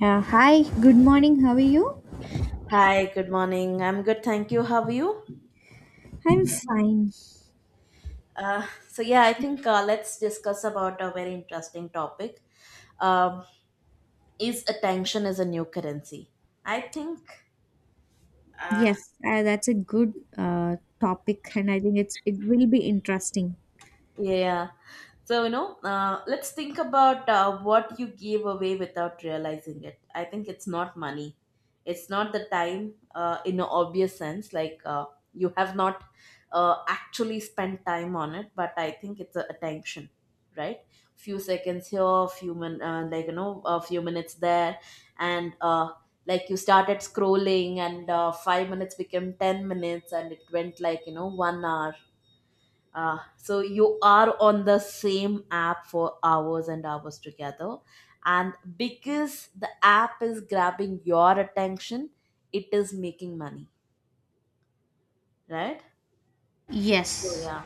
Yeah, hi, good morning. How are you? Hi, good morning. I'm good, thank you. How are you? I'm fine. So yeah, I think let's discuss about a very interesting topic. Um, is attention is a new currency? I think, uh, Yes, that's a good topic, and I think it will be interesting. yeah. So, let's think about what you gave away without realizing it. I think it's not money. It's not the time in an obvious sense, like you have not actually spent time on it, but I think it's a attention, right? Few seconds here, like, a few minutes there, and like you started scrolling, and 5 minutes became 10 minutes, and it went like, one hour. So you are on the same app for hours and hours together. And because the app is grabbing your attention, it is making money, right? So, Yes. yeah.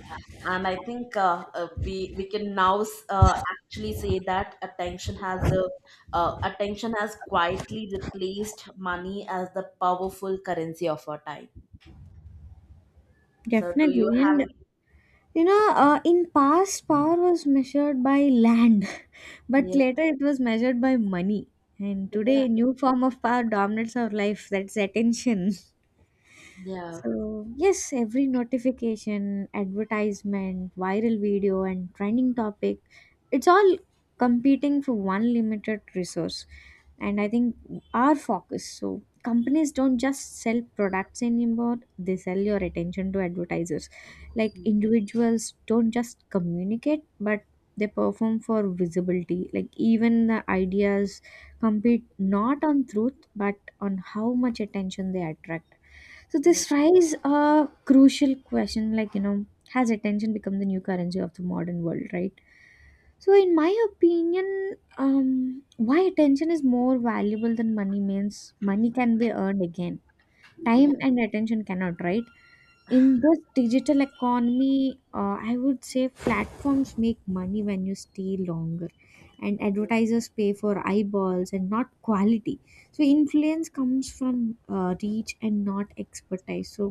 And I think we can now actually say that attention has quietly replaced money as the powerful currency of our time. So do you Definitely. have And any? you know, in past, power was measured by land, but Yeah, later it was measured by money. And yeah, today, a new form of power dominates our life. That's attention. yeah, So, yes, every notification, advertisement, viral video, and trending topic, it's all competing for one limited resource. And I think our focus. So, companies don't just sell products anymore, they sell your attention to advertisers. Like, yeah, individuals don't just communicate, but they perform for visibility. Like, even the ideas compete not on truth, but on how much attention they attract. So this raises a crucial question like, you know, has attention become the new currency of the modern world, right? So in my opinion, why attention is more valuable than money means money can be earned again. yeah, Time and attention cannot, right? In this digital economy, I would say platforms make money when you stay longer, and advertisers pay for eyeballs and not quality. So influence comes from reach and not expertise. So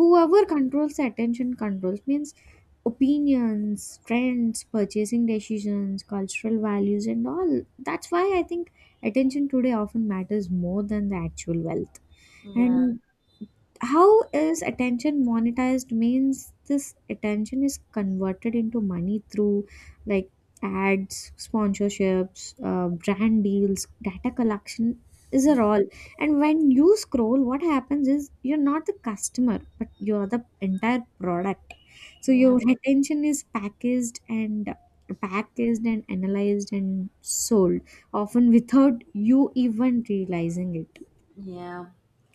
whoever controls the attention controls means opinions, trends, purchasing decisions, cultural values, and all. That's why I think attention today often matters more than the actual wealth. yeah, And how is attention monetized means this attention is converted into money through, like, ads, sponsorships, brand deals, data collection is a all. And when you scroll, what happens is you're not the customer, but you're the entire product. So yeah. your attention is packaged and packaged, and analyzed and sold, often without you even realizing it. Yeah,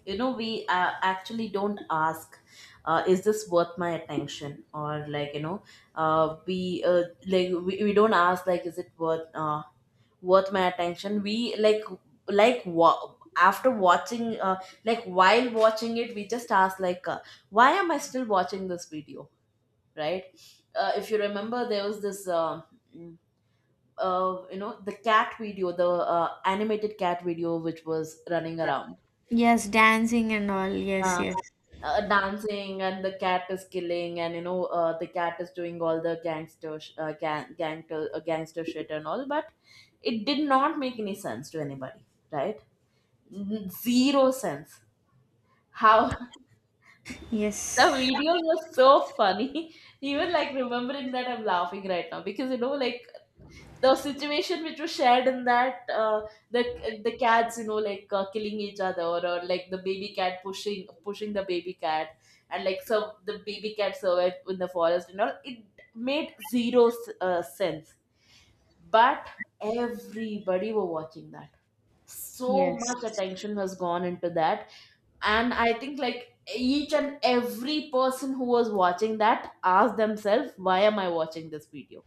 we actually don't ask, is this worth my attention? Or like, we like we don't ask like, is it worth worth my attention? We after watching like while watching it, we just ask like, why am I still watching this video? Right? If you remember, there was this. mm, you know the cat video the animated cat video which was running around, Yes, dancing and all. Yes, yes. Dancing, and the cat is killing, and the cat is doing all the gangster sh- gang gangster gangster shit and all, but it did not make any sense to anybody, right? Zero sense. How the Yes. videos were so funny. Even like remembering that, I'm laughing right now because like the situation which was shared in that, the the cats, like killing each other, or like the baby cat pushing the baby cat, and like so the baby cat survived in the forest and all. It made sense. But everybody were watching that. So Yes. much attention was gone into that. And I think like each and every person who was watching that asked themselves, why am I watching this video?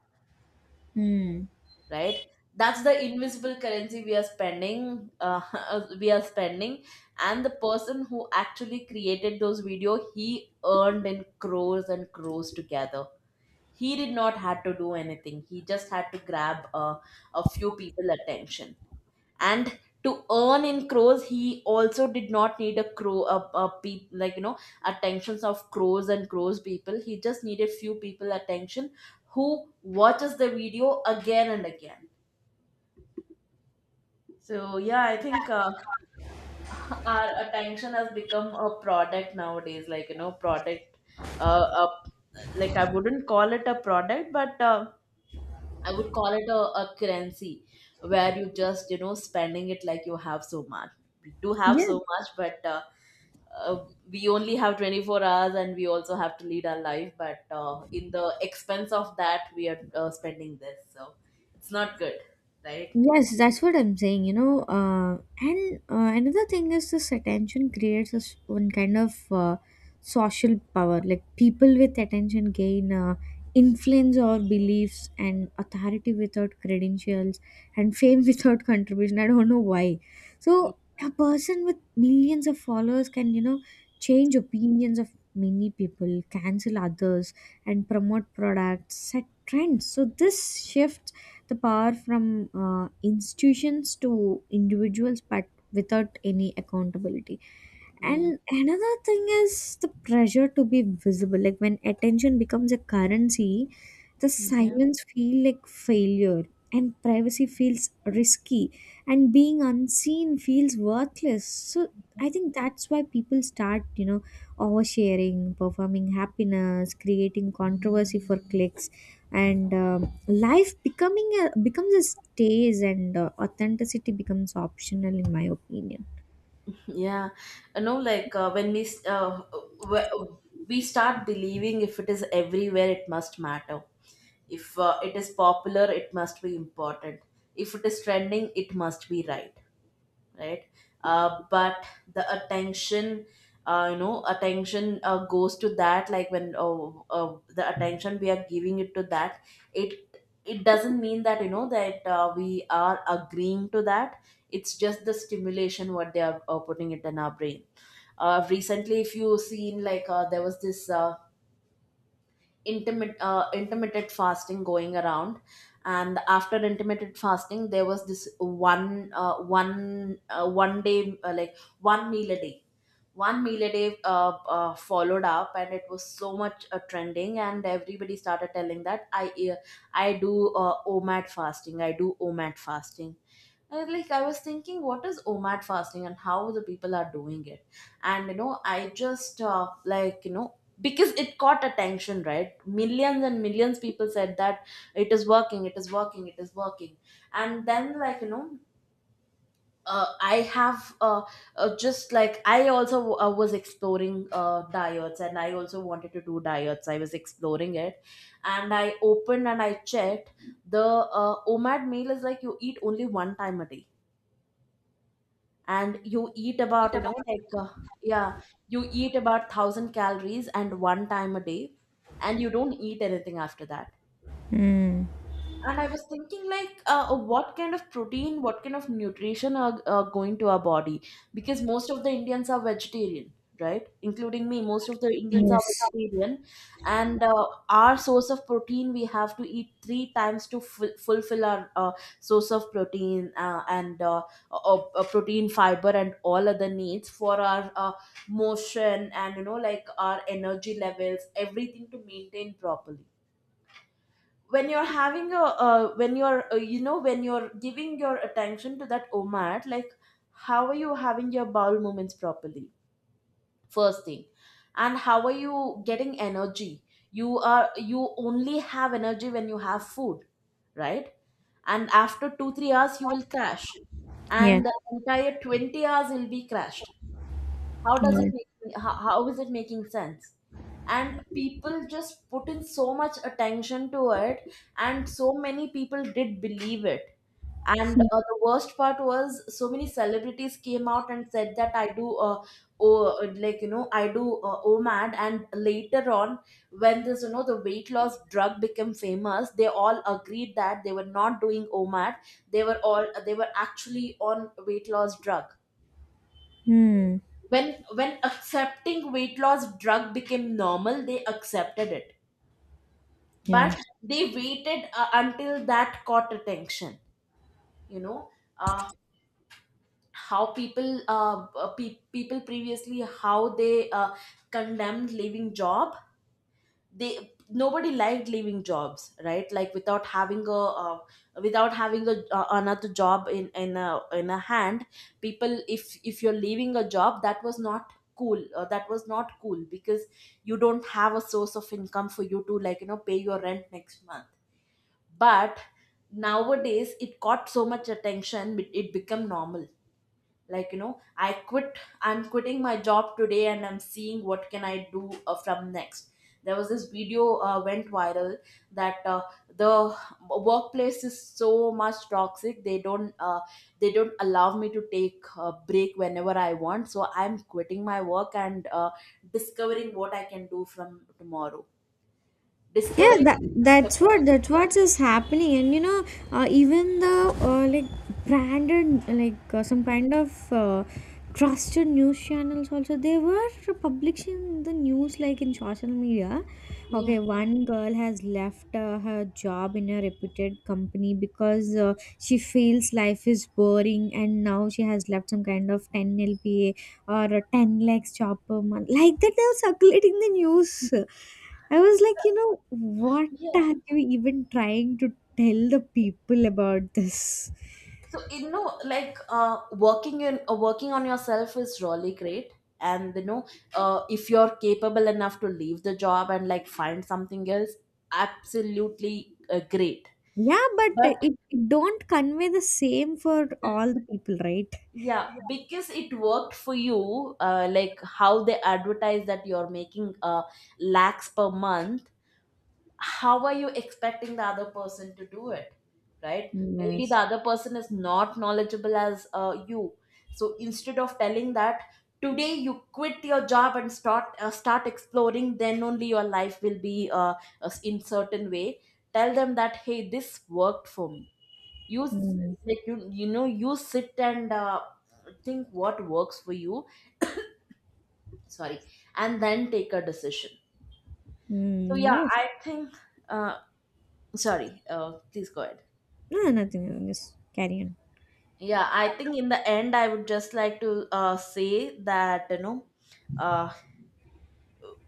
Hmm. Right? That's the invisible currency we are spending. We are spending. And the person who actually created those video, he earned in crores and crores together. He did not had to do anything. He just had to grab, a few people attention. And to earn in crores, he also did not need a crow a pe- like attentions of crores and crores people. He just needed few people attention who watches the video again and again. So yeah, I think our attention has become a product nowadays. Like product. Uh, uh, like I wouldn't call it a product, but I would call it a currency where you just spending it like you have so much. We do have so Yes. much, but uh, we only have 24 hours, and we also have to lead our life. But in the expense of that, we are spending this, so it's not good, right? Yes, that's what I'm saying, you know. And another thing is this attention creates a, one kind of social power. Like, people with attention gain influence or beliefs and authority without credentials and fame without contribution. I don't know why. Yeah. So a person with millions of followers can, you know, change opinions of many people, cancel others, and promote products, set trends. So this shift the power from institutions to individuals, but without any accountability. And another thing is the pressure to be visible. Like, when attention becomes a currency, the Yeah. silence feel like failure and privacy feels risky and being unseen feels worthless. So I think that's why people start, you know, oversharing, performing happiness, creating controversy for clicks, and life becoming a becomes a stage, and authenticity becomes optional, in my opinion. Yeah, like when w- we start believing, if it is everywhere, it must matter. If it is popular, it must be important. If it is trending, it must be right, right? But the attention, attention goes to that. Like when the attention we are giving it to that, it it doesn't mean that you know that we are agreeing to that. It's just the stimulation what they are putting it in our brain. Recently, if you seen, like, there was this, intermittent fasting going around. And after intermittent fasting, there was this one day, like, one meal a day followed up, and it was so much trending, and everybody started telling that uh, I do omad fasting, I do omad fasting. Like I was thinking, what is omad fasting and how the people are doing it? And I just like, because it caught attention, right? Millions and millions people said that it is working, it is working, it is working. And then like, you know I have just like I also was exploring diets, and I also wanted to do diets. I was exploring it, and I opened and I checked. The omad meal is like, you eat only one time a day. And you eat about you know like yeah you eat about 1,000 calories and one time a day. And you don't eat anything after that. Mm. And I was thinking, like, what kind of protein, what kind of nutrition are going to our body? Because most of the Indians are vegetarian, right? Including me, most of the Indians are Yes. vegetarian. And our source of protein, we have to eat three times to fulfill our source of protein, and protein fiber and all other needs for our motion and, like, our energy levels, everything to maintain properly. When you're giving your attention to that omad, like, how are you having your bowel movements properly? First thing. And how are you getting energy? You only have energy when you have food, right? And after 2 3 hours, you will crash, Yes, and the entire 20 hours will be crashed. How does it yes. make, how is it making sense? And people just put in so much attention to it, and so many people did believe it. And the worst part was so many celebrities came out and said that I do oh like you know I do omad. And later on, when this, the weight loss drug became famous, they all agreed that they were not doing omad. They were actually on weight loss drug. Hmm. When accepting weight loss drug became normal, they accepted it. But Yes. they waited until that caught attention you know uh, how people previously, how they condemned leaving job. They Nobody liked leaving jobs, right? Like, without having a uh, without having a another job in a hand. People, if you're leaving a job, that was not cool. That was not cool because you don't have a source of income for you to like, pay your rent next month. But nowadays, it got so much attention. It became normal. Like, I'm quitting my job today and I'm seeing what can I do, from next. There was this video, went viral, that the workplace is so much toxic. They don't allow me to take a break whenever I want, so I'm quitting my work and discovering what I can do from tomorrow. Yeah, Discovering. that that's what is happening. And you know, even the like, branded, like, some kind of trusted news channels also, they were publishing the news like in social media. Yeah. Okay, one girl has left her job in a reputed company because she feels life is boring and now she has left some kind of 10 lpa or a 10 lakhs job per month. Like that, they were circulating the news. I was like, you know, what Yeah. are you even trying to tell the people about this? So, like working on yourself is really great, and, if you're capable enough to leave the job and like find something else, absolutely great. Yeah, but But it don't convey the same for all the people, right? yeah, because it worked for you, like, how they advertise that you're making lakhs per month. How are you expecting the other person to do it? Right? Maybe the Yes. other person is not knowledgeable as you. So instead of telling that today you quit your job and start exploring, then only your life will be in certain way. Tell them that, hey, this worked for me. you s- Mm. like, you sit and think what works for you. Sorry. And then take a decision. So Mm, yeah, yes. I think uh, sorry. Please go ahead. No, nothing. Just carry on. Yeah, I think in the end, I would just like to say that, uh,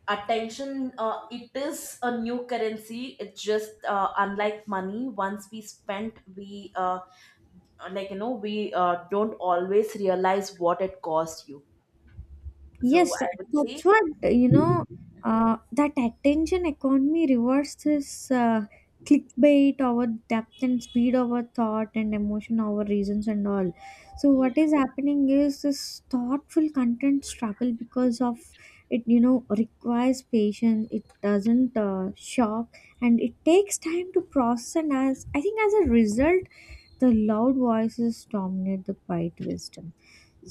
attention. It is a new currency. It's just unlike money. Once we spend, we like you know, we don't always realize what it cost you. So Yes, I that, would say, that's what you know. That attention economy rewards this clickbait over depth and speed over thought and emotion over reasons and all. So yeah, what is happening is this thoughtful content struggle because of it. You know, requires patience. It doesn't shock, and it takes time to process. And as I think, as a result, the loud voices dominate the quiet wisdom.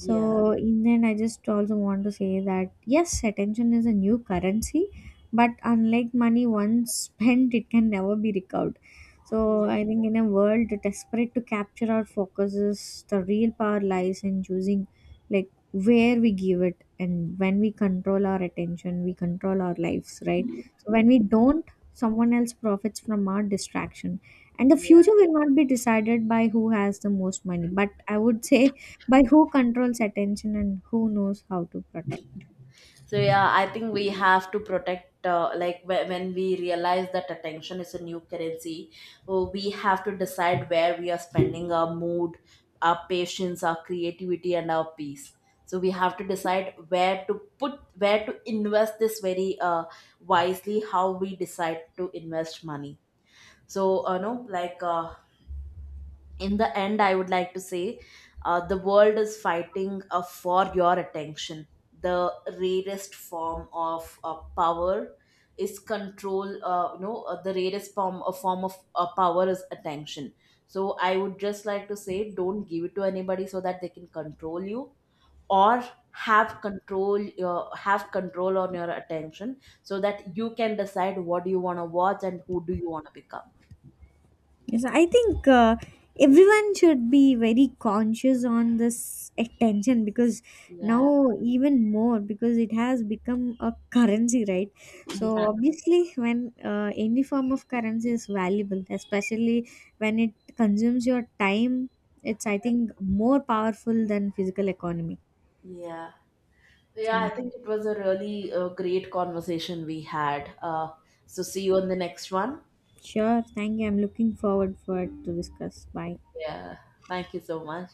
yeah, in the end, I just also want to say that yes, attention is a new currency, but unlike money, once spent, it can never be recovered. So, yeah, I think in a world desperate to capture our focuses, the real power lies in choosing, like, where we give it. And when we control our attention, we control our lives, right? So, when we don't, someone else profits from our distraction, and the yeah. future will not be decided by who has the most money, but I would say by who controls attention and who knows how to protect. So yeah, I think we have to protect. Like, when we realize that attention is a new currency, we have to decide where we are spending our mood, our patience, our creativity, and our peace. So we have to decide where to put, where to invest this very wisely. How we decide to invest money. So, like in the end I would like to say, the world is fighting, for your attention. The rarest form of power is control. The rarest form of power is attention. So I would just like to say, don't give it to anybody so that they can control you, or have control on your attention, so that you can decide what do you want to watch and who do you want to become. Yes, I think, everyone should be very conscious on this attention because now, Yeah. even more, because it has become a currency, right? So Yeah, obviously, when any form of currency is valuable, especially when it consumes your time, it's, I think, more powerful than physical economy. yeah. Yeah, I So think it was a really great conversation we had. So, see you on the next one. sure, thank you. I'm looking forward for it to discuss. Bye. Yeah, thank you so much.